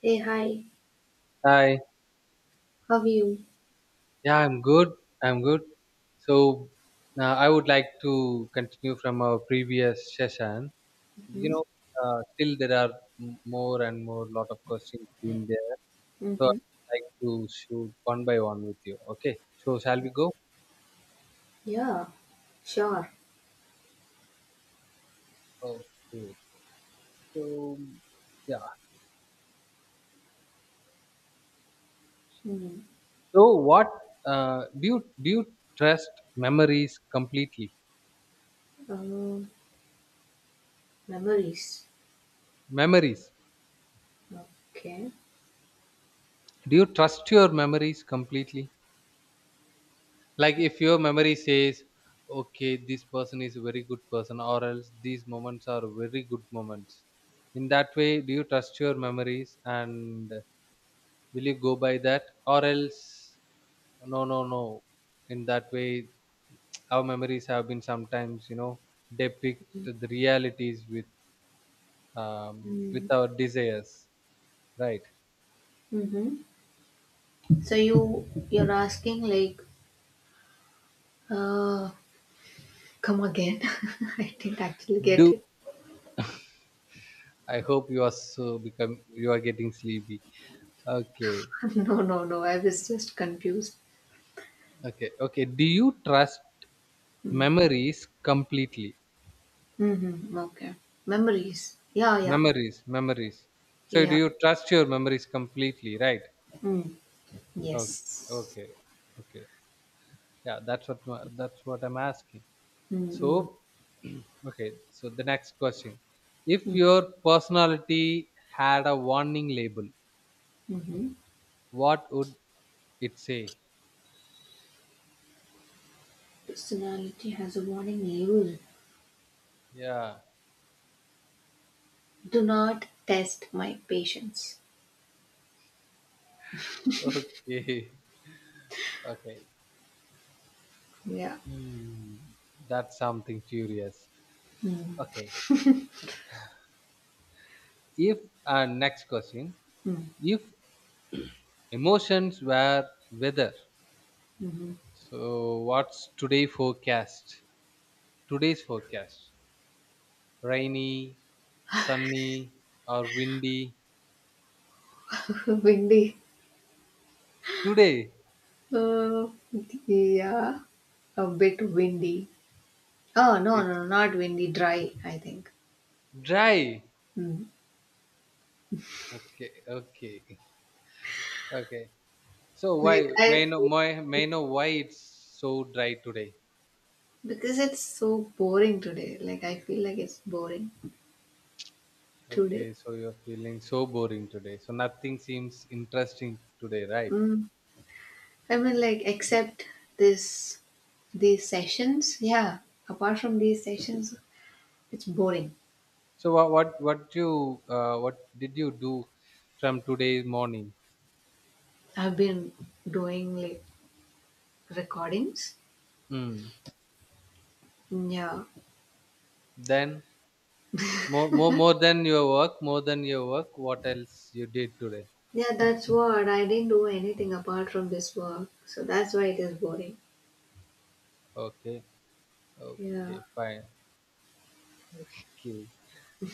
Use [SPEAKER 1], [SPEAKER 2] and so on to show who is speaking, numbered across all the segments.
[SPEAKER 1] Hey, hi,
[SPEAKER 2] Hi.
[SPEAKER 1] how are you?
[SPEAKER 2] Yeah, I'm good. I'm good. So I would like to continue from our previous session. You
[SPEAKER 1] Mm-hmm.
[SPEAKER 2] know, Still there are more and more lot of questions in there. So
[SPEAKER 1] Mm-hmm.
[SPEAKER 2] I'd like to shoot one by one with you. Okay. So shall we go?
[SPEAKER 1] Yeah, sure.
[SPEAKER 2] Okay. So yeah.
[SPEAKER 1] Mm-hmm.
[SPEAKER 2] So what do you trust memories completely?
[SPEAKER 1] Uh, memories.
[SPEAKER 2] Memories.
[SPEAKER 1] Okay.
[SPEAKER 2] Do you trust your memories completely? Like if your memory says, okay, this person is a very good person, or else these moments are very good moments. In that way, do you trust your memories and will you go by that, or else no, no, no. In that way, our memories have been sometimes, depict the realities with
[SPEAKER 1] Mm.
[SPEAKER 2] our desires, right?
[SPEAKER 1] Mm-hmm. So
[SPEAKER 2] Mm.
[SPEAKER 1] you're asking like, uh, come again? I didn't actually get
[SPEAKER 2] Do
[SPEAKER 1] it.
[SPEAKER 2] I hope you are so become you are getting sleepy? Okay.
[SPEAKER 1] No, no, no. I was just confused.
[SPEAKER 2] Okay, okay. Do you trust
[SPEAKER 1] Mm.
[SPEAKER 2] memories completely?
[SPEAKER 1] Mm-hmm. Okay. Memories. Yeah, yeah,
[SPEAKER 2] Memories, memories. So do
[SPEAKER 1] yeah.
[SPEAKER 2] you trust your memories completely, right?
[SPEAKER 1] Mm.
[SPEAKER 2] Okay,
[SPEAKER 1] Yes.
[SPEAKER 2] okay, okay. Yeah, that's what I'm asking.
[SPEAKER 1] Mm-hmm.
[SPEAKER 2] So, okay. So the next question: if your personality had a warning label,
[SPEAKER 1] Mm-hmm.
[SPEAKER 2] what would it say?
[SPEAKER 1] Personality has a warning label.
[SPEAKER 2] Yeah.
[SPEAKER 1] Do not test my patience.
[SPEAKER 2] Okay. Okay.
[SPEAKER 1] Yeah.
[SPEAKER 2] Hmm. That's something furious.
[SPEAKER 1] Mm,
[SPEAKER 2] Okay. If next question,
[SPEAKER 1] mm,
[SPEAKER 2] if emotions were weather,
[SPEAKER 1] mhm.
[SPEAKER 2] so what's today forecast, today's forecast, rainy, sunny, or windy
[SPEAKER 1] Windy.
[SPEAKER 2] today?
[SPEAKER 1] Oh, yeah. A bit windy. Oh, no, no,
[SPEAKER 2] It's
[SPEAKER 1] no, not windy, dry, I think.
[SPEAKER 2] dry.
[SPEAKER 1] Mm.
[SPEAKER 2] Okay, okay, okay. So
[SPEAKER 1] Like
[SPEAKER 2] why, may I
[SPEAKER 1] I
[SPEAKER 2] know, may I know why it's so dry today?
[SPEAKER 1] because it's so boring today. Like I feel like it's boring today.
[SPEAKER 2] Okay, so you're feeling so boring today, so nothing seems interesting today, right?
[SPEAKER 1] Mm. I mean like except this these sessions, yeah. Apart from these sessions, it's boring.
[SPEAKER 2] So what you what did you do from today morning?
[SPEAKER 1] I've been doing like recordings.
[SPEAKER 2] Mm.
[SPEAKER 1] Yeah.
[SPEAKER 2] Then more than your work, more than your work, what else you did today?
[SPEAKER 1] Yeah, that's what. I didn't do anything apart from this work. So that's why it is boring.
[SPEAKER 2] Okay.
[SPEAKER 1] Yeah.
[SPEAKER 2] Okay, fine. Okay.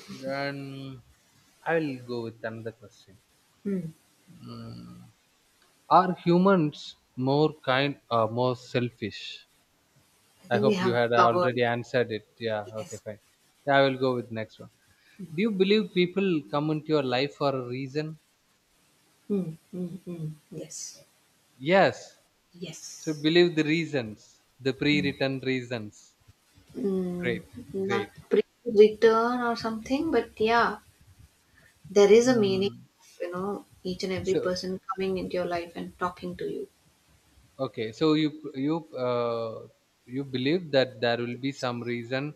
[SPEAKER 2] Then I will go with another question.
[SPEAKER 1] Hmm.
[SPEAKER 2] Mm. Are humans more kind or more selfish?
[SPEAKER 1] I
[SPEAKER 2] I
[SPEAKER 1] think we
[SPEAKER 2] hope you
[SPEAKER 1] have
[SPEAKER 2] had
[SPEAKER 1] covered.
[SPEAKER 2] already answered it. Yeah, okay,
[SPEAKER 1] Yes.
[SPEAKER 2] fine. Yeah, I will go with next one. Do you believe people come into your life for a reason?
[SPEAKER 1] Hmm. Hmm. Hmm. Yes.
[SPEAKER 2] Yes. So
[SPEAKER 1] Yes.
[SPEAKER 2] believe the reasons, the pre-written reasons. Great,
[SPEAKER 1] Mm, Not
[SPEAKER 2] great.
[SPEAKER 1] pre return or something, but yeah, there is a meaning
[SPEAKER 2] Mm.
[SPEAKER 1] of, you know, each and every
[SPEAKER 2] So,
[SPEAKER 1] person coming into your life and talking to you.
[SPEAKER 2] okay, so you believe that there will be some reason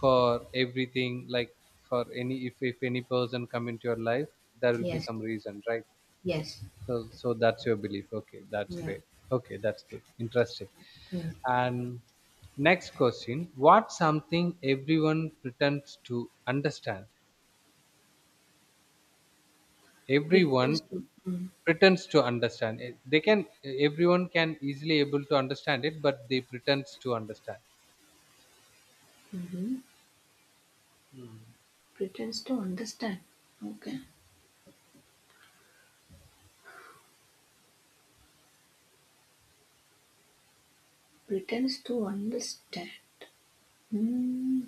[SPEAKER 2] for everything, like for any, if any person come into your life, there will be
[SPEAKER 1] Yes.
[SPEAKER 2] some reason, right?
[SPEAKER 1] Yes.
[SPEAKER 2] So so that's your belief. Okay, that's
[SPEAKER 1] Yeah.
[SPEAKER 2] great. Okay, that's good. Interesting.
[SPEAKER 1] Mm.
[SPEAKER 2] And next question: what something everyone pretends to understand?
[SPEAKER 1] Pretends
[SPEAKER 2] Everyone
[SPEAKER 1] to mm,
[SPEAKER 2] pretends to understand it. They can, everyone can easily able to understand it but they pretends to understand.
[SPEAKER 1] mhm. pretends to understand. Okay. Pretends to understand. Hmm.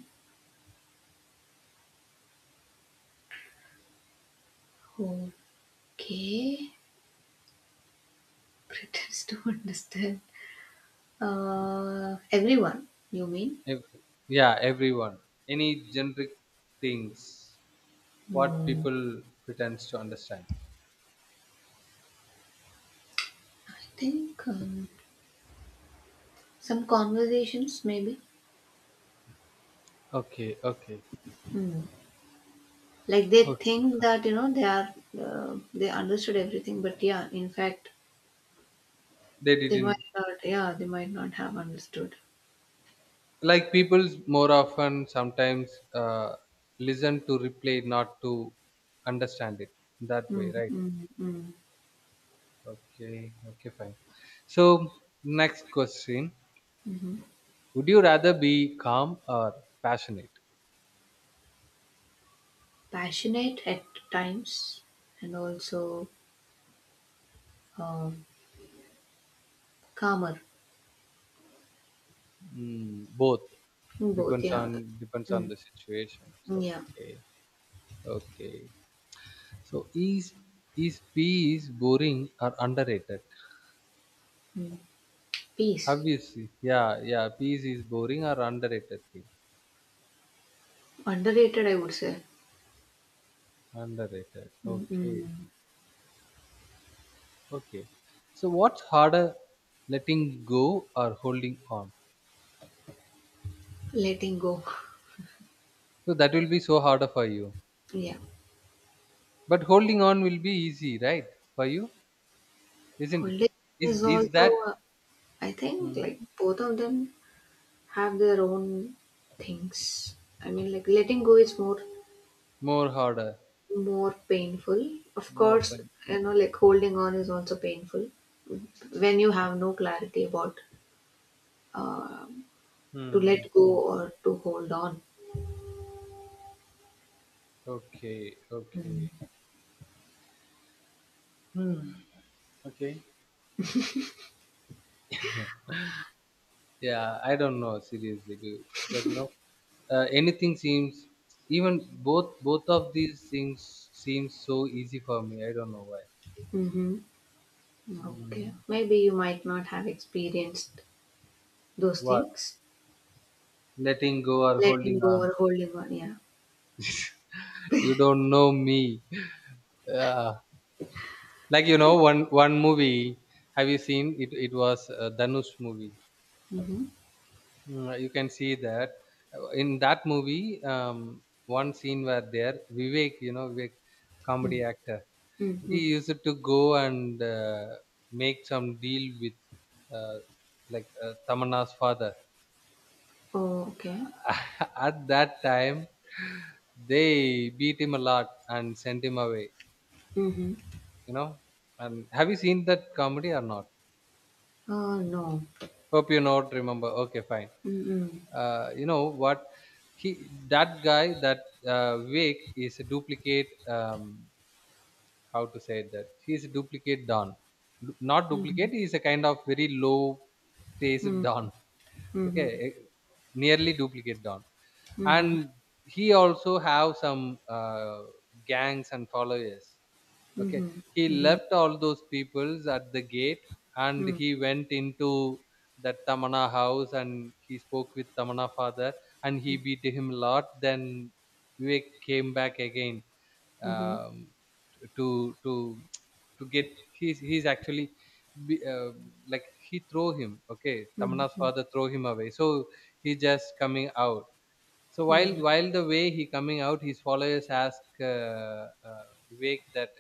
[SPEAKER 1] Okay. Pretends to understand. Everyone. You mean?
[SPEAKER 2] Yeah, everyone, any generic things, what
[SPEAKER 1] Hmm.
[SPEAKER 2] people pretends to understand.
[SPEAKER 1] I think some conversations maybe.
[SPEAKER 2] Okay, okay,
[SPEAKER 1] Hmm. Like they
[SPEAKER 2] okay,
[SPEAKER 1] think
[SPEAKER 2] fine.
[SPEAKER 1] that you know they are they understood everything, but yeah, in fact,
[SPEAKER 2] They
[SPEAKER 1] they might
[SPEAKER 2] didn't,
[SPEAKER 1] not. Yeah, they might not have understood.
[SPEAKER 2] like people more often sometimes listen to replay not to understand it, that way,
[SPEAKER 1] Mm,
[SPEAKER 2] right?
[SPEAKER 1] mm, mm,
[SPEAKER 2] Okay, okay, fine. So next question:
[SPEAKER 1] mhm.
[SPEAKER 2] would you rather be calm or passionate?
[SPEAKER 1] Passionate at times and also um, calmer.
[SPEAKER 2] Mm, both.
[SPEAKER 1] Both, yeah.
[SPEAKER 2] Depends on
[SPEAKER 1] Mm,
[SPEAKER 2] the situation. So
[SPEAKER 1] yeah.
[SPEAKER 2] okay, okay. So is peace boring or underrated?
[SPEAKER 1] Mm. Peace.
[SPEAKER 2] Obviously, yeah, yeah. Peace is boring or underrated thing.
[SPEAKER 1] Underrated, I would say.
[SPEAKER 2] Underrated.
[SPEAKER 1] Mm,
[SPEAKER 2] Okay,
[SPEAKER 1] mm.
[SPEAKER 2] okay. So what's harder, letting go or holding on?
[SPEAKER 1] Letting go.
[SPEAKER 2] So that will be so harder for you.
[SPEAKER 1] Yeah.
[SPEAKER 2] But holding on will be easy, right? For you, isn't it?
[SPEAKER 1] Holding
[SPEAKER 2] Is
[SPEAKER 1] is
[SPEAKER 2] is that?
[SPEAKER 1] also, I think,
[SPEAKER 2] Hmm.
[SPEAKER 1] like both of them have their own things. I mean, like letting go is
[SPEAKER 2] More harder.
[SPEAKER 1] more painful. Of
[SPEAKER 2] More
[SPEAKER 1] course,
[SPEAKER 2] pain.
[SPEAKER 1] you know, like holding on is also painful when you have no clarity about uh, to
[SPEAKER 2] Hmm.
[SPEAKER 1] let go
[SPEAKER 2] Hmm.
[SPEAKER 1] or to hold on.
[SPEAKER 2] Okay. Okay. Hmm. Okay. Yeah, I don't know seriously because anything seems, even both of these things seem so easy for me. I don't know why.
[SPEAKER 1] Mm-hmm. Okay.
[SPEAKER 2] Hmm.
[SPEAKER 1] Maybe you might not have experienced those
[SPEAKER 2] What,
[SPEAKER 1] things.
[SPEAKER 2] letting go or
[SPEAKER 1] Letting
[SPEAKER 2] holding
[SPEAKER 1] go
[SPEAKER 2] on?
[SPEAKER 1] or holding on. Yeah.
[SPEAKER 2] You don't know me. Uh, like you know, one movie. Have you seen it? It was Danush movie.
[SPEAKER 1] Mm-hmm.
[SPEAKER 2] Mm, you can see that. In that movie, one scene where there Vivek, you know, Vivek, comedy actor, he
[SPEAKER 1] Mm-hmm.
[SPEAKER 2] used to go and make some deal with uh, like Tamanna's father.
[SPEAKER 1] Oh, okay.
[SPEAKER 2] At that time they beat him a lot and sent him away,
[SPEAKER 1] Mm-hmm.
[SPEAKER 2] you know. And have you seen that comedy or not?
[SPEAKER 1] Oh, no.
[SPEAKER 2] Hope you not remember. Okay, fine.
[SPEAKER 1] Mm-hmm.
[SPEAKER 2] Uh, you know what, he, that guy, that, Wake is a duplicate. How to say that? He is a duplicate Don. Du- Not
[SPEAKER 1] Mm-hmm.
[SPEAKER 2] duplicate. He is a kind of very low faced Don. Okay,
[SPEAKER 1] Mm-hmm.
[SPEAKER 2] eh, nearly duplicate Don,
[SPEAKER 1] Mm-hmm.
[SPEAKER 2] and he also have some gangs and followers. Okay,
[SPEAKER 1] Mm-hmm. Mm-hmm.
[SPEAKER 2] he
[SPEAKER 1] Mm-hmm.
[SPEAKER 2] left all those peoples at the gate, and he went into that Tamana house, and he spoke with Tamana father, and he beat him a lot. Then Vivek came back again,
[SPEAKER 1] Mm-hmm.
[SPEAKER 2] um, to to get. He's actually be- uh, like he throw him. Okay, Tamana's
[SPEAKER 1] Mm-hmm.
[SPEAKER 2] father throw him away. So he just coming out. So while the way he coming out, his followers ask Vivek that,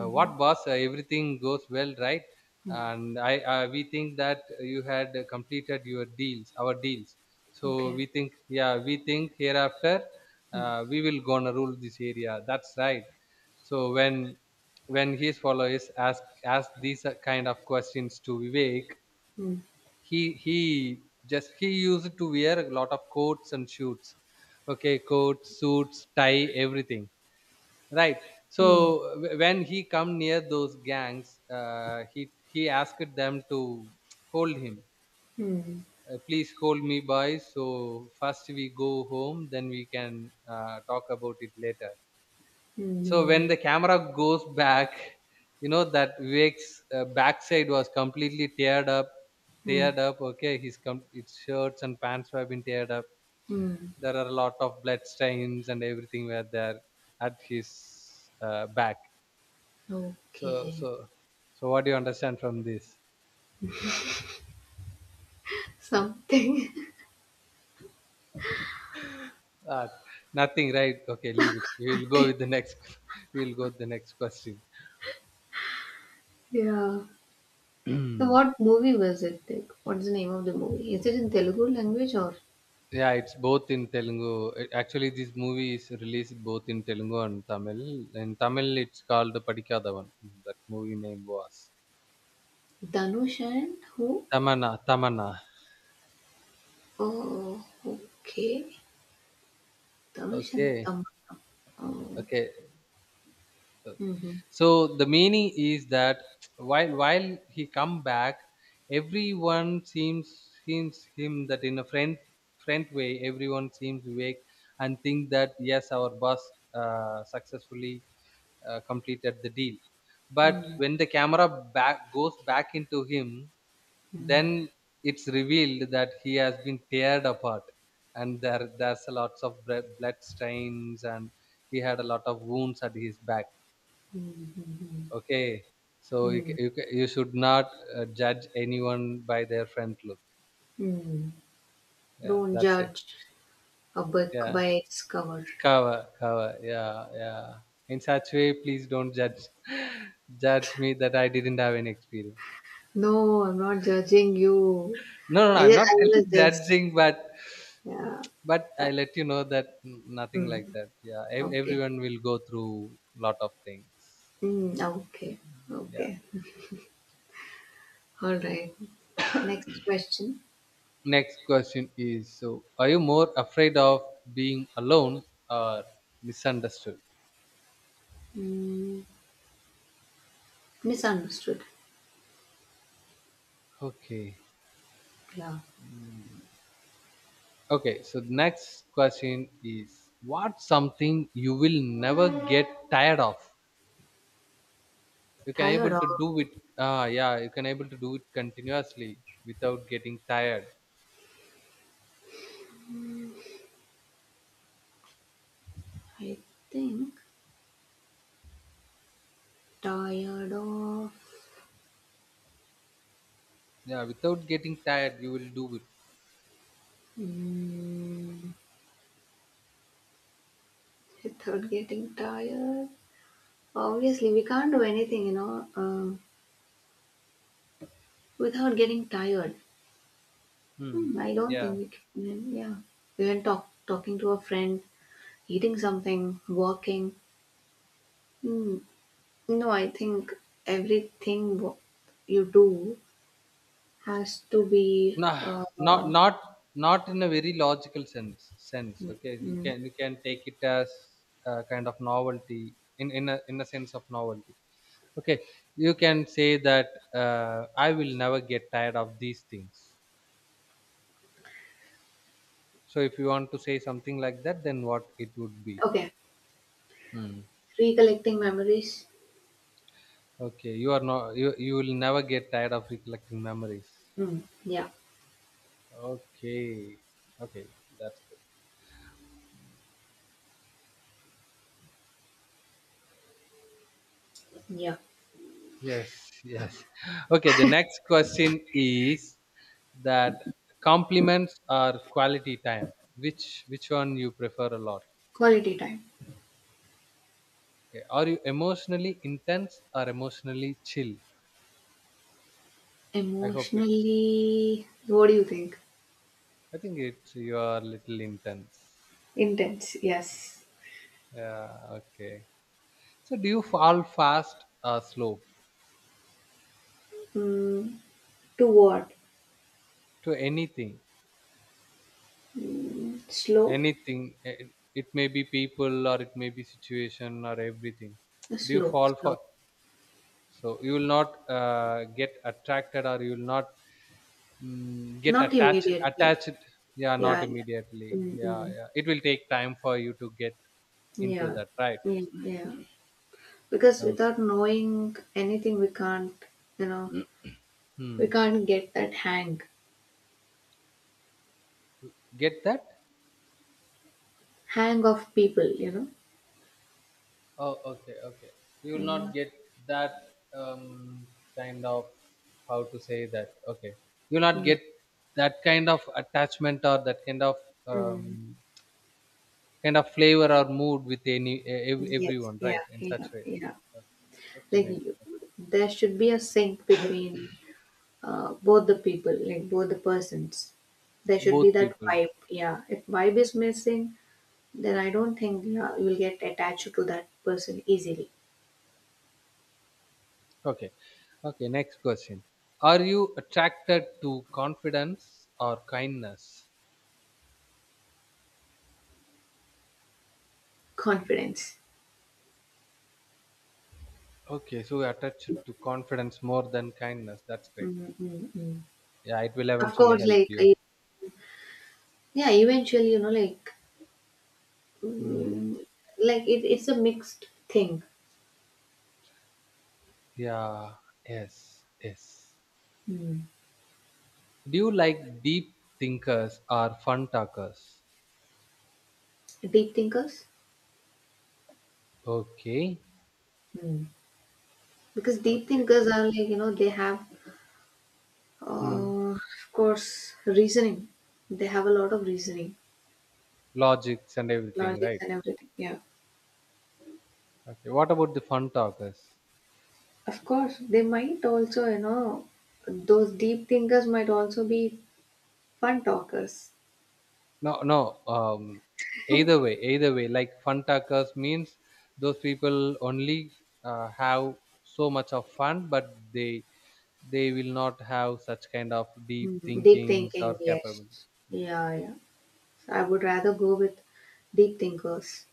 [SPEAKER 2] what boss, everything goes well, right?
[SPEAKER 1] Mm-hmm.
[SPEAKER 2] And I we think that you had completed your deals, our deals, so
[SPEAKER 1] Okay.
[SPEAKER 2] we think, yeah, we think hereafter, we will gonna rule this area, that's right. So when his followers ask, these kind of questions to Vivek,
[SPEAKER 1] Mm-hmm.
[SPEAKER 2] he just, he used to wear a lot of coats and suits, okay, coats, suits, tie, everything, right? So
[SPEAKER 1] Mm-hmm.
[SPEAKER 2] when he come near those gangs, he asked them to hold him.
[SPEAKER 1] Mm-hmm.
[SPEAKER 2] Uh, please hold me boys, so first we go home then we can, talk about it later. So
[SPEAKER 1] Mm-hmm.
[SPEAKER 2] when the camera goes back, you know that Vivek's, backside was completely teared up, teared up, okay, his its shirts and pants were been teared up,
[SPEAKER 1] Mm-hmm.
[SPEAKER 2] there are a lot of blood stains and everything were there at his, back. So,
[SPEAKER 1] Okay.
[SPEAKER 2] so, so, what do you understand from this?
[SPEAKER 1] Something.
[SPEAKER 2] Uh, nothing, right? Okay, leave it. We'll go with the next. We'll go with the next question.
[SPEAKER 1] Yeah. So
[SPEAKER 2] Yeah,
[SPEAKER 1] what movie was it? Like, what's the name of the movie? Is it in Telugu language or
[SPEAKER 2] it's both in Telugu. Actually, this movie is released both in Telugu and Tamil. In Tamil, it's called Padikadavan. That movie name was
[SPEAKER 1] Dhanush and who?
[SPEAKER 2] Tamana. Tamana.
[SPEAKER 1] Oh, okay. Dhanush and
[SPEAKER 2] Okay,
[SPEAKER 1] Tamara. Oh.
[SPEAKER 2] okay.
[SPEAKER 1] Mm-hmm.
[SPEAKER 2] So the meaning is that while he come back, everyone seems him that in a friend way, everyone seems awake and think that yes, our boss, successfully, completed the deal, but
[SPEAKER 1] Mm-hmm.
[SPEAKER 2] when the camera back goes back into him, then it's revealed that he has been teared apart and there's a lots of blood stains and he had a lot of wounds at his back.
[SPEAKER 1] Mm-hmm.
[SPEAKER 2] Okay, so you you should not judge anyone by their front look.
[SPEAKER 1] Mm-hmm.
[SPEAKER 2] Yeah,
[SPEAKER 1] Don't
[SPEAKER 2] that's it.
[SPEAKER 1] judge a book
[SPEAKER 2] Yeah,
[SPEAKER 1] by its cover.
[SPEAKER 2] cover, cover. Yeah, yeah. In such way, please don't judge, judge me that I didn't have any experience.
[SPEAKER 1] No, I'm not judging you.
[SPEAKER 2] No, no, no, I'm not
[SPEAKER 1] I was this.
[SPEAKER 2] judging,
[SPEAKER 1] Yeah.
[SPEAKER 2] but
[SPEAKER 1] Yeah.
[SPEAKER 2] I let you know that mm, nothing like
[SPEAKER 1] Mm.
[SPEAKER 2] that. Yeah,
[SPEAKER 1] Okay.
[SPEAKER 2] everyone will go through lot of things.
[SPEAKER 1] Mm. Okay.
[SPEAKER 2] Yeah.
[SPEAKER 1] Okay. All right. Next question.
[SPEAKER 2] Next question is: so, are you more afraid of being alone or misunderstood?
[SPEAKER 1] Mm, misunderstood.
[SPEAKER 2] Okay.
[SPEAKER 1] Yeah.
[SPEAKER 2] Okay. So next question is, what's something you will never get tired of? You can
[SPEAKER 1] Tired
[SPEAKER 2] able
[SPEAKER 1] of,
[SPEAKER 2] to do it. Yeah, you can able to do it continuously without getting tired.
[SPEAKER 1] I think, tired of.
[SPEAKER 2] Yeah, without getting tired, you will do it.
[SPEAKER 1] Mm, without getting tired. Obviously, we can't do anything, you know, without getting tired.
[SPEAKER 2] Hmm.
[SPEAKER 1] Hmm, I don't
[SPEAKER 2] Yeah.
[SPEAKER 1] think we can. Yeah. Even talking to a friend, eating something, walking. Hmm. No, I think everything wo- you do has to be.
[SPEAKER 2] Nah, not not not in a very logical sense. Sense. Okay. You
[SPEAKER 1] Mm,
[SPEAKER 2] can, you can take it as a kind of novelty, in a sense of novelty, okay, you can say that, uh, I will never get tired of these things. So if you want to say something like that, then what it would be?
[SPEAKER 1] okay.
[SPEAKER 2] Hmm.
[SPEAKER 1] Recollecting memories.
[SPEAKER 2] Okay, you are not, you, you will never get tired of recollecting memories.
[SPEAKER 1] Mm. Yeah.
[SPEAKER 2] Okay, okay, that's good.
[SPEAKER 1] Yeah.
[SPEAKER 2] Yes, yes. Okay, the next question is that, compliments or quality time, which one you prefer a lot?
[SPEAKER 1] Quality time.
[SPEAKER 2] Okay, are you emotionally intense or emotionally chill? I hope it's,
[SPEAKER 1] Emotionally, what do you think?
[SPEAKER 2] I think it's, you are little intense.
[SPEAKER 1] Intense, yes.
[SPEAKER 2] Yeah, okay. So do you fall fast or slow
[SPEAKER 1] Mm. To what?
[SPEAKER 2] to anything?
[SPEAKER 1] Slow?
[SPEAKER 2] Anything. Eh, it may be people or it may be situation or everything. Do you
[SPEAKER 1] Slow,
[SPEAKER 2] fall
[SPEAKER 1] slow.
[SPEAKER 2] for? So you will not get attracted or you will not, mm, get
[SPEAKER 1] Not
[SPEAKER 2] attached.
[SPEAKER 1] immediately.
[SPEAKER 2] Attached. Yeah, not
[SPEAKER 1] Yeah.
[SPEAKER 2] immediately. Yeah,
[SPEAKER 1] Mm-mm.
[SPEAKER 2] yeah. It will take time for you to get into
[SPEAKER 1] Yeah.
[SPEAKER 2] that, right?
[SPEAKER 1] Yeah, yeah. Because
[SPEAKER 2] Okay.
[SPEAKER 1] without knowing anything, we can't, you know, we
[SPEAKER 2] Hmm.
[SPEAKER 1] can't get that hang,
[SPEAKER 2] Get that?
[SPEAKER 1] hang of people, you know.
[SPEAKER 2] Oh, okay, okay. You will
[SPEAKER 1] Mm.
[SPEAKER 2] not get that, um, kind of, how to say that. Okay, you will not
[SPEAKER 1] Mm.
[SPEAKER 2] get that kind of attachment or that kind of,
[SPEAKER 1] Mm.
[SPEAKER 2] um, kind of flavor or mood with any
[SPEAKER 1] Yes,
[SPEAKER 2] everyone,
[SPEAKER 1] yeah,
[SPEAKER 2] right? In such
[SPEAKER 1] yeah,
[SPEAKER 2] way.
[SPEAKER 1] yeah.
[SPEAKER 2] Okay, okay,
[SPEAKER 1] Like
[SPEAKER 2] maybe
[SPEAKER 1] you, there should be a sync between both the people like both the persons, there should be
[SPEAKER 2] both
[SPEAKER 1] that
[SPEAKER 2] people.
[SPEAKER 1] vibe. Yeah, if vibe is missing, then I don't think, yeah, you'll get attached to that person easily.
[SPEAKER 2] Okay, okay. Next question: are you attracted to confidence or kindness?
[SPEAKER 1] Confidence.
[SPEAKER 2] Okay, so you attached to confidence more than kindness. That's great.
[SPEAKER 1] Mm-hmm. Mm-hmm.
[SPEAKER 2] Yeah, it will
[SPEAKER 1] Of
[SPEAKER 2] eventually
[SPEAKER 1] course,
[SPEAKER 2] help you.
[SPEAKER 1] yeah, eventually, you know, like
[SPEAKER 2] Hmm.
[SPEAKER 1] mm, like it, it's a mixed thing.
[SPEAKER 2] Yeah. Yes. Yes.
[SPEAKER 1] Mm.
[SPEAKER 2] Do you like deep thinkers or fun talkers?
[SPEAKER 1] Deep thinkers,
[SPEAKER 2] Okay.
[SPEAKER 1] mm. Because deep
[SPEAKER 2] Okay.
[SPEAKER 1] thinkers are like you know they have
[SPEAKER 2] Hmm.
[SPEAKER 1] Of course, reasoning. They have a lot of reasoning,
[SPEAKER 2] Logics and everything,
[SPEAKER 1] logics,
[SPEAKER 2] right?
[SPEAKER 1] and everything. Yeah.
[SPEAKER 2] Okay. What about the fun talkers?
[SPEAKER 1] Of course, they might also, you know, those deep thinkers might also be fun talkers.
[SPEAKER 2] No. No. Either way. Either way. Like fun talkers means those people only have so much of fun, but they will not have such kind of deep
[SPEAKER 1] Mm, deep
[SPEAKER 2] thinkings
[SPEAKER 1] thinking,
[SPEAKER 2] or
[SPEAKER 1] yes.
[SPEAKER 2] capability. Yeah.
[SPEAKER 1] Yeah, yeah. I would rather go with deep thinkers.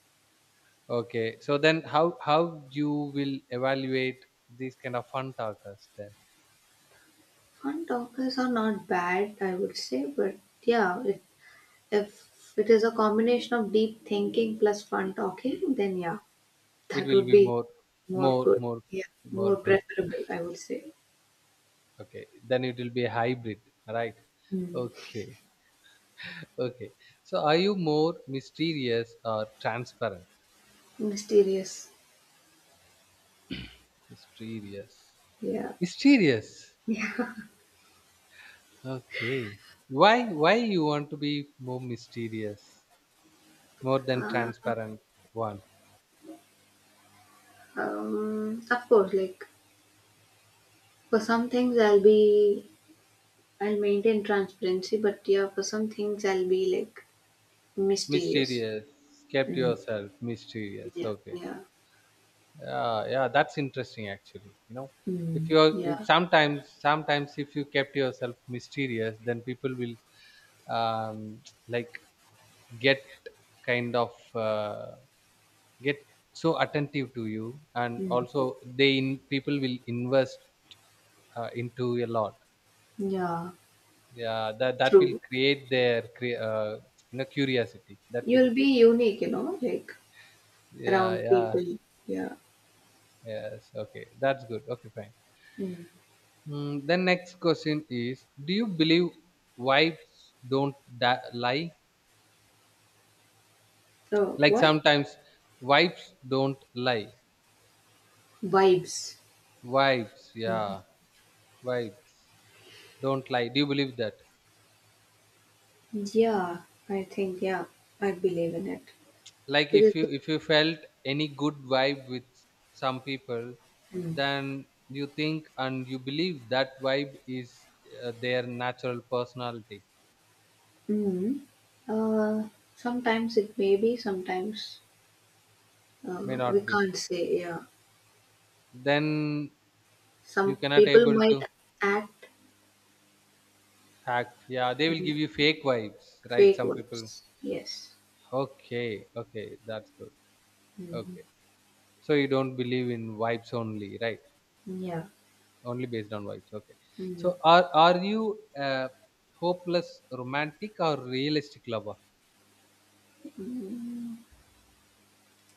[SPEAKER 2] Okay, so then how you will evaluate these kind of fun talkers? Then
[SPEAKER 1] Fun talkers are not bad, I would say, but yeah, it, if it is a combination of deep thinking plus fun talking, then yeah,
[SPEAKER 2] it
[SPEAKER 1] that
[SPEAKER 2] will
[SPEAKER 1] would
[SPEAKER 2] be
[SPEAKER 1] be more
[SPEAKER 2] more
[SPEAKER 1] good.
[SPEAKER 2] more
[SPEAKER 1] Yeah, more
[SPEAKER 2] more good.
[SPEAKER 1] preferable, I would say.
[SPEAKER 2] Okay, then it will be a hybrid, right?
[SPEAKER 1] Hmm.
[SPEAKER 2] Okay, okay. So are you more mysterious or transparent?
[SPEAKER 1] Mysterious.
[SPEAKER 2] Mysterious.
[SPEAKER 1] Yeah.
[SPEAKER 2] Mysterious. Okay. Why you want to be more mysterious, more than transparent one?
[SPEAKER 1] Of course, like for some things I'll be I'll maintain transparency, but yeah, for some things I'll be like mysterious.
[SPEAKER 2] Mysterious. Kept
[SPEAKER 1] Mm.
[SPEAKER 2] yourself mysterious.
[SPEAKER 1] Yeah,
[SPEAKER 2] Okay.
[SPEAKER 1] yeah,
[SPEAKER 2] Yeah, yeah, that's interesting actually. If
[SPEAKER 1] Mm.
[SPEAKER 2] you're if
[SPEAKER 1] yeah,
[SPEAKER 2] sometimes if you kept yourself mysterious, then people will um like get kind of get so attentive to you, and also
[SPEAKER 1] Mm.
[SPEAKER 2] they in people will invest into a lot.
[SPEAKER 1] yeah.
[SPEAKER 2] Yeah, that will
[SPEAKER 1] True.
[SPEAKER 2] create their curiosity that will
[SPEAKER 1] You'll be unique, you know, like
[SPEAKER 2] yeah,
[SPEAKER 1] around
[SPEAKER 2] yeah,
[SPEAKER 1] people. Yeah.
[SPEAKER 2] yes. Okay, that's good. Okay, fine.
[SPEAKER 1] Mm.
[SPEAKER 2] Mm, the next question is, do you believe wives don't lie?
[SPEAKER 1] So
[SPEAKER 2] Like
[SPEAKER 1] what?
[SPEAKER 2] sometimes wives don't lie.
[SPEAKER 1] Vibes.
[SPEAKER 2] Wives, yeah, wives don't lie. Do you believe that?
[SPEAKER 1] Yeah, I think, yeah, I believe in it.
[SPEAKER 2] Like, if
[SPEAKER 1] Because,
[SPEAKER 2] you if you felt any good vibe with some people,
[SPEAKER 1] mm,
[SPEAKER 2] then you think and you believe that vibe is their natural personality.
[SPEAKER 1] mm, uh, sometimes it may be, sometimes
[SPEAKER 2] May
[SPEAKER 1] we
[SPEAKER 2] not be.
[SPEAKER 1] can't say, yeah.
[SPEAKER 2] Then you
[SPEAKER 1] Some
[SPEAKER 2] cannot
[SPEAKER 1] people
[SPEAKER 2] able
[SPEAKER 1] might
[SPEAKER 2] to.
[SPEAKER 1] act
[SPEAKER 2] Fact. Yeah, they will
[SPEAKER 1] in
[SPEAKER 2] give you fake vibes, right?
[SPEAKER 1] fake
[SPEAKER 2] Some people.
[SPEAKER 1] ones. Yes.
[SPEAKER 2] Okay, okay, that's good.
[SPEAKER 1] Mm,
[SPEAKER 2] Okay. So you don't believe in vibes only, right?
[SPEAKER 1] yeah.
[SPEAKER 2] Only based on vibes. Okay. So
[SPEAKER 1] Mm,
[SPEAKER 2] are you a hopeless romantic or realistic lover?
[SPEAKER 1] mm.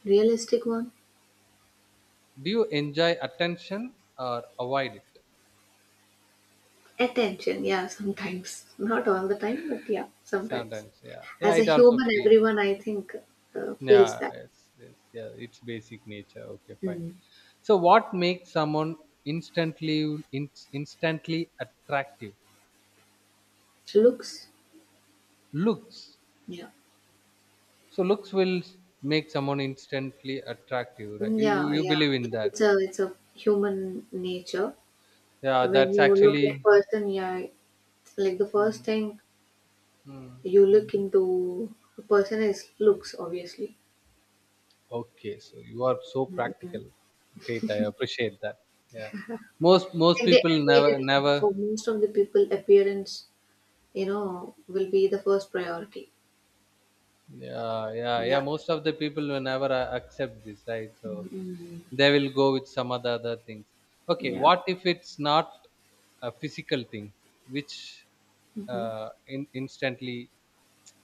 [SPEAKER 1] Realistic one?
[SPEAKER 2] Do you enjoy attention or avoid it?
[SPEAKER 1] Attention, yeah, sometimes. Not all the time, but yeah, sometimes.
[SPEAKER 2] Sometimes, yeah. Yeah,
[SPEAKER 1] As a
[SPEAKER 2] it also
[SPEAKER 1] human,
[SPEAKER 2] feels.
[SPEAKER 1] everyone, I think, feels
[SPEAKER 2] Yeah,
[SPEAKER 1] that.
[SPEAKER 2] yes, yes, yeah. It's basic nature. Okay, fine.
[SPEAKER 1] Mm.
[SPEAKER 2] So what makes someone instantly attractive?
[SPEAKER 1] Looks?
[SPEAKER 2] Looks.
[SPEAKER 1] Yeah.
[SPEAKER 2] So looks will make someone instantly attractive, right? You,
[SPEAKER 1] Yeah,
[SPEAKER 2] you
[SPEAKER 1] yeah.
[SPEAKER 2] believe in that.
[SPEAKER 1] It's a human nature.
[SPEAKER 2] Yeah,
[SPEAKER 1] When
[SPEAKER 2] that's
[SPEAKER 1] you look at
[SPEAKER 2] actually.
[SPEAKER 1] person, yeah, it's like the first
[SPEAKER 2] Mm,
[SPEAKER 1] thing
[SPEAKER 2] mm,
[SPEAKER 1] you
[SPEAKER 2] mm.
[SPEAKER 1] look into a person is looks, obviously.
[SPEAKER 2] Okay, so you are so
[SPEAKER 1] Mhm.
[SPEAKER 2] practical. Great, I appreciate that. Yeah, most
[SPEAKER 1] Like the
[SPEAKER 2] people never
[SPEAKER 1] appearance,
[SPEAKER 2] never.
[SPEAKER 1] for most of the people, appearance, you know, will be the first priority.
[SPEAKER 2] Yeah, yeah, yeah.
[SPEAKER 1] Yeah.
[SPEAKER 2] Most of the people will never accept this, right? So
[SPEAKER 1] Mm.
[SPEAKER 2] they will go with some other things. Okay,
[SPEAKER 1] Yeah.
[SPEAKER 2] what if it's not a physical thing, which
[SPEAKER 1] Mm-hmm.
[SPEAKER 2] instantly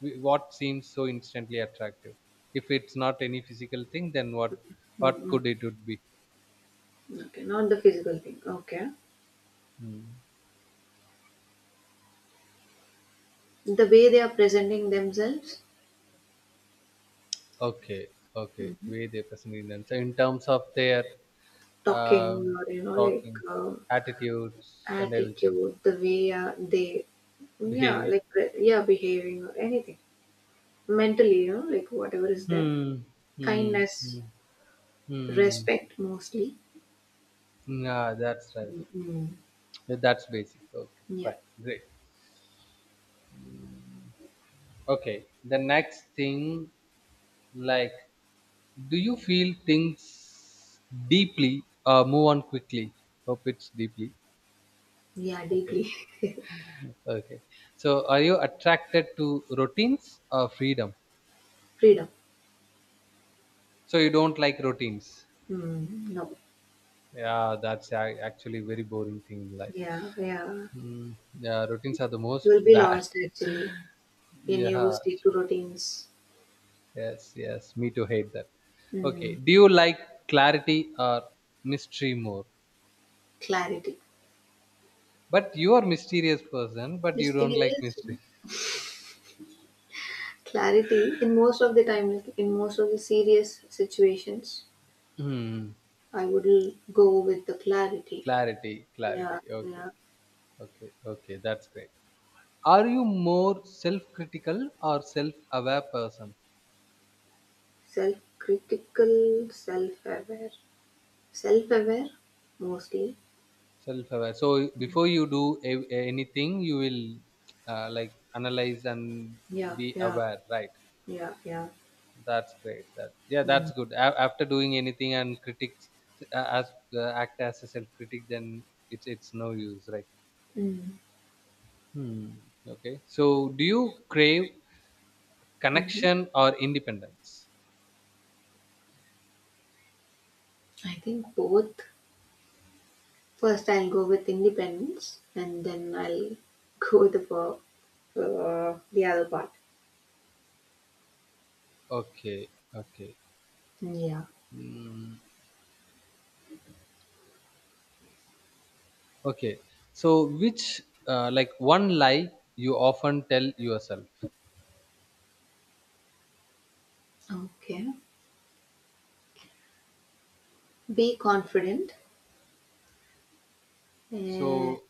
[SPEAKER 2] What seems so instantly attractive? If it's not any physical thing, then what
[SPEAKER 1] Mm-hmm.
[SPEAKER 2] could it would be?
[SPEAKER 1] Okay, not the physical thing. Okay,
[SPEAKER 2] Hmm.
[SPEAKER 1] the way they are presenting themselves,
[SPEAKER 2] Okay, okay, the
[SPEAKER 1] Mm.
[SPEAKER 2] way they present in them, so in terms of their
[SPEAKER 1] talking
[SPEAKER 2] um
[SPEAKER 1] or you know, like
[SPEAKER 2] talking attitudes and everything
[SPEAKER 1] attitude, the way yeah,
[SPEAKER 2] behave.
[SPEAKER 1] like, yeah, behaving or anything. Mentally, you know, like whatever is there.
[SPEAKER 2] Hmm, hmm,
[SPEAKER 1] Kindness,
[SPEAKER 2] hmm, hmm.
[SPEAKER 1] respect mostly.
[SPEAKER 2] Yeah, that's right.
[SPEAKER 1] Mm-hmm.
[SPEAKER 2] Yeah, that's basic. Okay,
[SPEAKER 1] Yeah,
[SPEAKER 2] fine, great. Okay, the next thing, like, do you feel things deeply or move on quickly? Hope it's deeply.
[SPEAKER 1] yeah,
[SPEAKER 2] Okay.
[SPEAKER 1] deeply.
[SPEAKER 2] Okay. So are you attracted to routines or freedom?
[SPEAKER 1] Freedom.
[SPEAKER 2] So you don't like routines.
[SPEAKER 1] Mm, no.
[SPEAKER 2] Yeah, that's actually very boring thing in life.
[SPEAKER 1] Yeah, yeah.
[SPEAKER 2] Mm, yeah, routines are the
[SPEAKER 1] You
[SPEAKER 2] most
[SPEAKER 1] will be
[SPEAKER 2] bad.
[SPEAKER 1] lost actually when you
[SPEAKER 2] Yeah.
[SPEAKER 1] stick to routines.
[SPEAKER 2] Yes, yes. Me too hate that. Okay.
[SPEAKER 1] Mm,
[SPEAKER 2] Do you like clarity or mystery more?
[SPEAKER 1] clarity.
[SPEAKER 2] But you are mysterious person, but
[SPEAKER 1] This
[SPEAKER 2] you
[SPEAKER 1] thing
[SPEAKER 2] don't like
[SPEAKER 1] is
[SPEAKER 2] mystery.
[SPEAKER 1] clarity in most of the time, like in most of the serious situations,
[SPEAKER 2] Hmm.
[SPEAKER 1] go with the clarity.
[SPEAKER 2] Clarity,
[SPEAKER 1] Yeah,
[SPEAKER 2] clarity. Okay,
[SPEAKER 1] yeah.
[SPEAKER 2] okay, okay. That's great. Are you more self-critical or self-aware person?
[SPEAKER 1] Self-aware, self-aware mostly.
[SPEAKER 2] Self-aware. So before you do anything, you will like analyze and
[SPEAKER 1] Yeah,
[SPEAKER 2] be
[SPEAKER 1] yeah,
[SPEAKER 2] aware, right?
[SPEAKER 1] yeah, yeah.
[SPEAKER 2] That's great. That yeah,
[SPEAKER 1] Mm.
[SPEAKER 2] that's good. After doing anything and critics as act as a self-critic, then it's no use, right?
[SPEAKER 1] Mm.
[SPEAKER 2] Hmm. Okay. So do you crave
[SPEAKER 1] Hmm,
[SPEAKER 2] connection or independence?
[SPEAKER 1] I think both. First, I'll go with independence, and then I'll go with the the other part.
[SPEAKER 2] Okay. Okay.
[SPEAKER 1] Yeah.
[SPEAKER 2] Mm, okay. So, which, like, one lie you often tell yourself?
[SPEAKER 1] Okay. Be confident. And
[SPEAKER 2] So,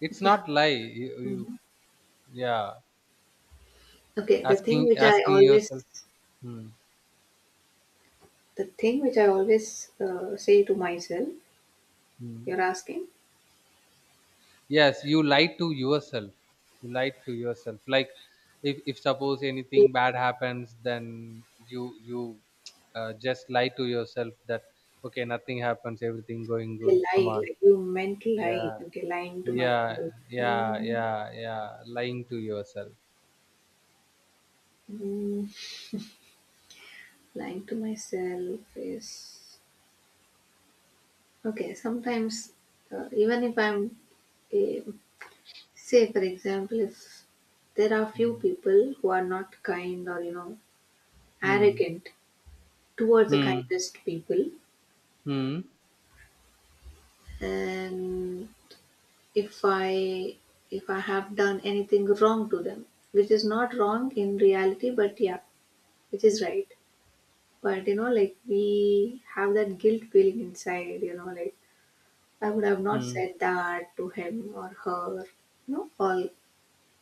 [SPEAKER 2] it's
[SPEAKER 1] yeah.
[SPEAKER 2] not lie. You
[SPEAKER 1] Mhm.
[SPEAKER 2] yeah,
[SPEAKER 1] Okay.
[SPEAKER 2] asking asking yourself. Hmm,
[SPEAKER 1] The thing which I always say to myself.
[SPEAKER 2] hmm.
[SPEAKER 1] You're asking.
[SPEAKER 2] Yes, you lie to yourself. You lie to yourself. Like, if suppose anything bad happens, then you just lie to yourself that okay, nothing happens, everything going
[SPEAKER 1] You
[SPEAKER 2] good. Come
[SPEAKER 1] lie,
[SPEAKER 2] on.
[SPEAKER 1] like you meant to lie.
[SPEAKER 2] Yeah,
[SPEAKER 1] Okay, lying to
[SPEAKER 2] yeah,
[SPEAKER 1] myself.
[SPEAKER 2] yeah, yeah, yeah. Lying to yourself.
[SPEAKER 1] Mm, lying to myself is okay. Sometimes, even if I'm, eh, say for example, if there are few
[SPEAKER 2] Mm.
[SPEAKER 1] people who are not kind or you know
[SPEAKER 2] Mm.
[SPEAKER 1] arrogant towards the
[SPEAKER 2] Mm.
[SPEAKER 1] kindest people,
[SPEAKER 2] Mm.
[SPEAKER 1] and if I if I have done anything wrong to them, which is not wrong in reality, but yeah, which is right. But you know, like we have that guilt feeling inside, you know, like I would have not
[SPEAKER 2] Mm.
[SPEAKER 1] said that to him or her, you know, all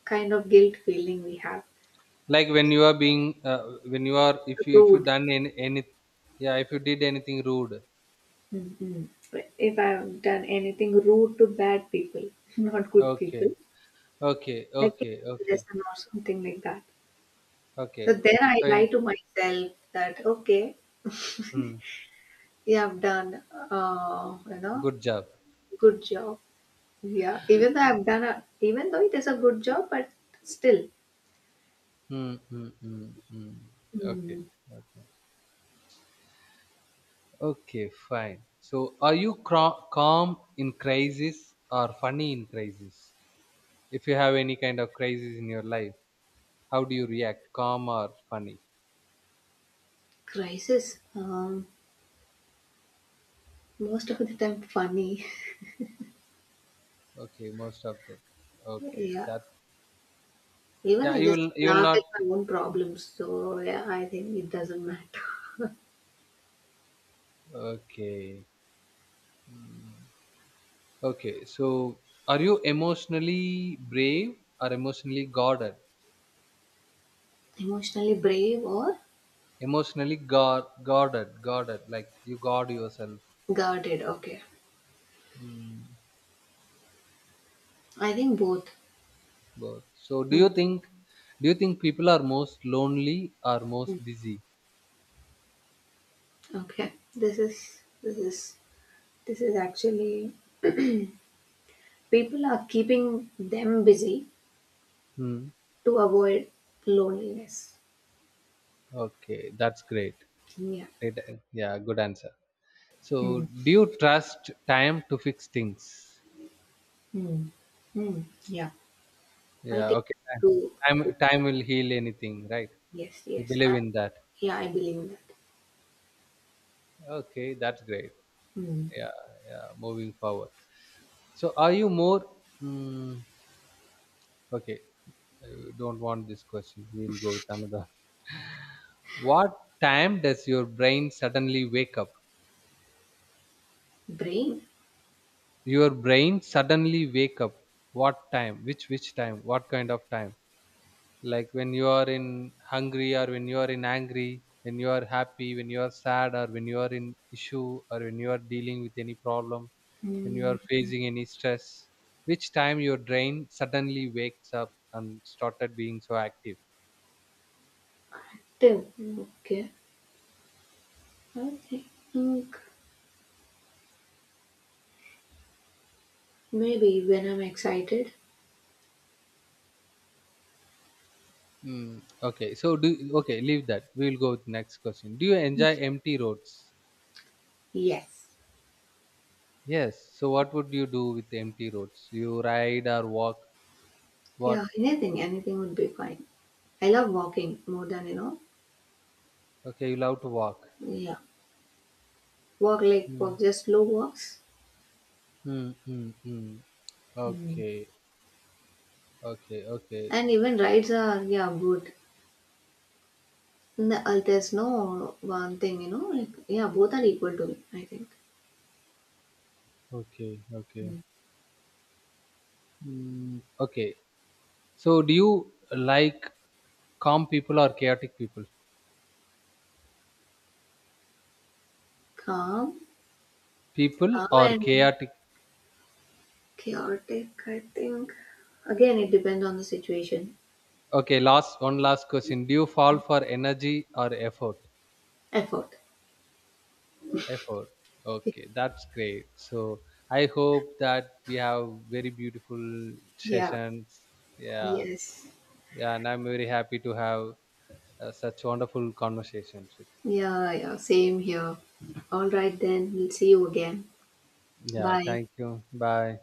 [SPEAKER 1] kind of guilt feeling we have.
[SPEAKER 2] Like when you are being, when you are, if you
[SPEAKER 1] Rude.
[SPEAKER 2] done any, yeah, if you did anything rude.
[SPEAKER 1] Mm-mm. If I've done anything rude to bad people, not good people,
[SPEAKER 2] Okay. Okay.
[SPEAKER 1] like a
[SPEAKER 2] Okay. Okay.
[SPEAKER 1] lesson or something like that. So
[SPEAKER 2] Okay.
[SPEAKER 1] then I
[SPEAKER 2] So,
[SPEAKER 1] lie
[SPEAKER 2] in,
[SPEAKER 1] to myself that, okay,
[SPEAKER 2] mm,
[SPEAKER 1] yeah, I've done, you know,
[SPEAKER 2] good job.
[SPEAKER 1] good job. Yeah, even though it is a good job, but still
[SPEAKER 2] Mm, mm, mm, mm. Okay.
[SPEAKER 1] Hmm,
[SPEAKER 2] Okay. Okay. Fine. So, are you calm in crisis or funny in crisis? If you have any kind of crisis in your life, how do you react? Calm or funny?
[SPEAKER 1] crisis. Most of the time, funny.
[SPEAKER 2] Okay, most of that. Okay,
[SPEAKER 1] Yeah.
[SPEAKER 2] that
[SPEAKER 1] Even
[SPEAKER 2] yeah,
[SPEAKER 1] I
[SPEAKER 2] you
[SPEAKER 1] just
[SPEAKER 2] will you will
[SPEAKER 1] laugh
[SPEAKER 2] not.
[SPEAKER 1] at my own problems. So, yeah, I think it doesn't matter.
[SPEAKER 2] Okay, okay. So, are you emotionally brave or emotionally guarded?
[SPEAKER 1] Emotionally brave or
[SPEAKER 2] Emotionally guarded, guarded. Like you guard yourself.
[SPEAKER 1] guarded. Okay.
[SPEAKER 2] Mm,
[SPEAKER 1] I think both.
[SPEAKER 2] both. So, do
[SPEAKER 1] Mm,
[SPEAKER 2] you think do you think people are most lonely or most busy?
[SPEAKER 1] okay. This is actually, people are keeping them busy
[SPEAKER 2] Hmm.
[SPEAKER 1] to avoid loneliness.
[SPEAKER 2] Okay, that's great.
[SPEAKER 1] Yeah.
[SPEAKER 2] Great. Yeah, good answer. So,
[SPEAKER 1] Mm,
[SPEAKER 2] do you trust time to fix things?
[SPEAKER 1] mm, mm, yeah. I
[SPEAKER 2] Yeah,
[SPEAKER 1] think
[SPEAKER 2] okay.
[SPEAKER 1] two.
[SPEAKER 2] Time will heal anything, right?
[SPEAKER 1] Yes,
[SPEAKER 2] You
[SPEAKER 1] yes.
[SPEAKER 2] believe in that.
[SPEAKER 1] Yeah, I believe in that.
[SPEAKER 2] Okay, that's great.
[SPEAKER 1] Hmm.
[SPEAKER 2] Yeah, yeah. Moving forward. So, are you more? Mm, okay, I don't want this question. We'll go with another. What time does your brain suddenly wake up?
[SPEAKER 1] Brain?
[SPEAKER 2] Your brain suddenly wake up. What time? Which time? What kind of time? Like when you are in hungry or when you are in angry, when you are happy, when you are sad or when you are in issue or when you are dealing with any problem, when you
[SPEAKER 1] Mm,
[SPEAKER 2] are facing any stress, which time your brain suddenly wakes up and started being so active.
[SPEAKER 1] Tim. Okay. I think maybe when I'm excited.
[SPEAKER 2] Mm, okay, so do okay, leave that. We will go with next question. Do you enjoy empty roads?
[SPEAKER 1] Yes.
[SPEAKER 2] Yes. So what would you do with empty roads? You ride or walk?
[SPEAKER 1] Yeah,
[SPEAKER 2] What?
[SPEAKER 1] anything, anything would be fine. I love walking more than, you know,
[SPEAKER 2] Okay, you love to walk.
[SPEAKER 1] yeah. Walk,
[SPEAKER 2] Mm,
[SPEAKER 1] just slow walks.
[SPEAKER 2] mm, mm, mm.
[SPEAKER 1] Hmm.
[SPEAKER 2] Okay. Okay, okay,
[SPEAKER 1] And even rides are, yeah, good. No, There's no one thing, you know, like, yeah, both are equal to me, I think.
[SPEAKER 2] okay,
[SPEAKER 1] Hmm.
[SPEAKER 2] okay. Mm, okay. So, do you like calm people or chaotic people?
[SPEAKER 1] Calm,
[SPEAKER 2] People
[SPEAKER 1] calm
[SPEAKER 2] or
[SPEAKER 1] and
[SPEAKER 2] chaotic?
[SPEAKER 1] chaotic, I think. Again, it depends on the situation.
[SPEAKER 2] Okay, last one last question. Do you fall for energy or effort?
[SPEAKER 1] Effort.
[SPEAKER 2] Effort. Okay, that's great. So, I hope that we have very beautiful
[SPEAKER 1] Yeah,
[SPEAKER 2] sessions. Yeah,
[SPEAKER 1] yes.
[SPEAKER 2] yeah, and I'm very happy to have such wonderful conversations with you.
[SPEAKER 1] Yeah, yeah, same here. All right, then. We'll see you again.
[SPEAKER 2] Yeah,
[SPEAKER 1] Bye.
[SPEAKER 2] thank you. Bye.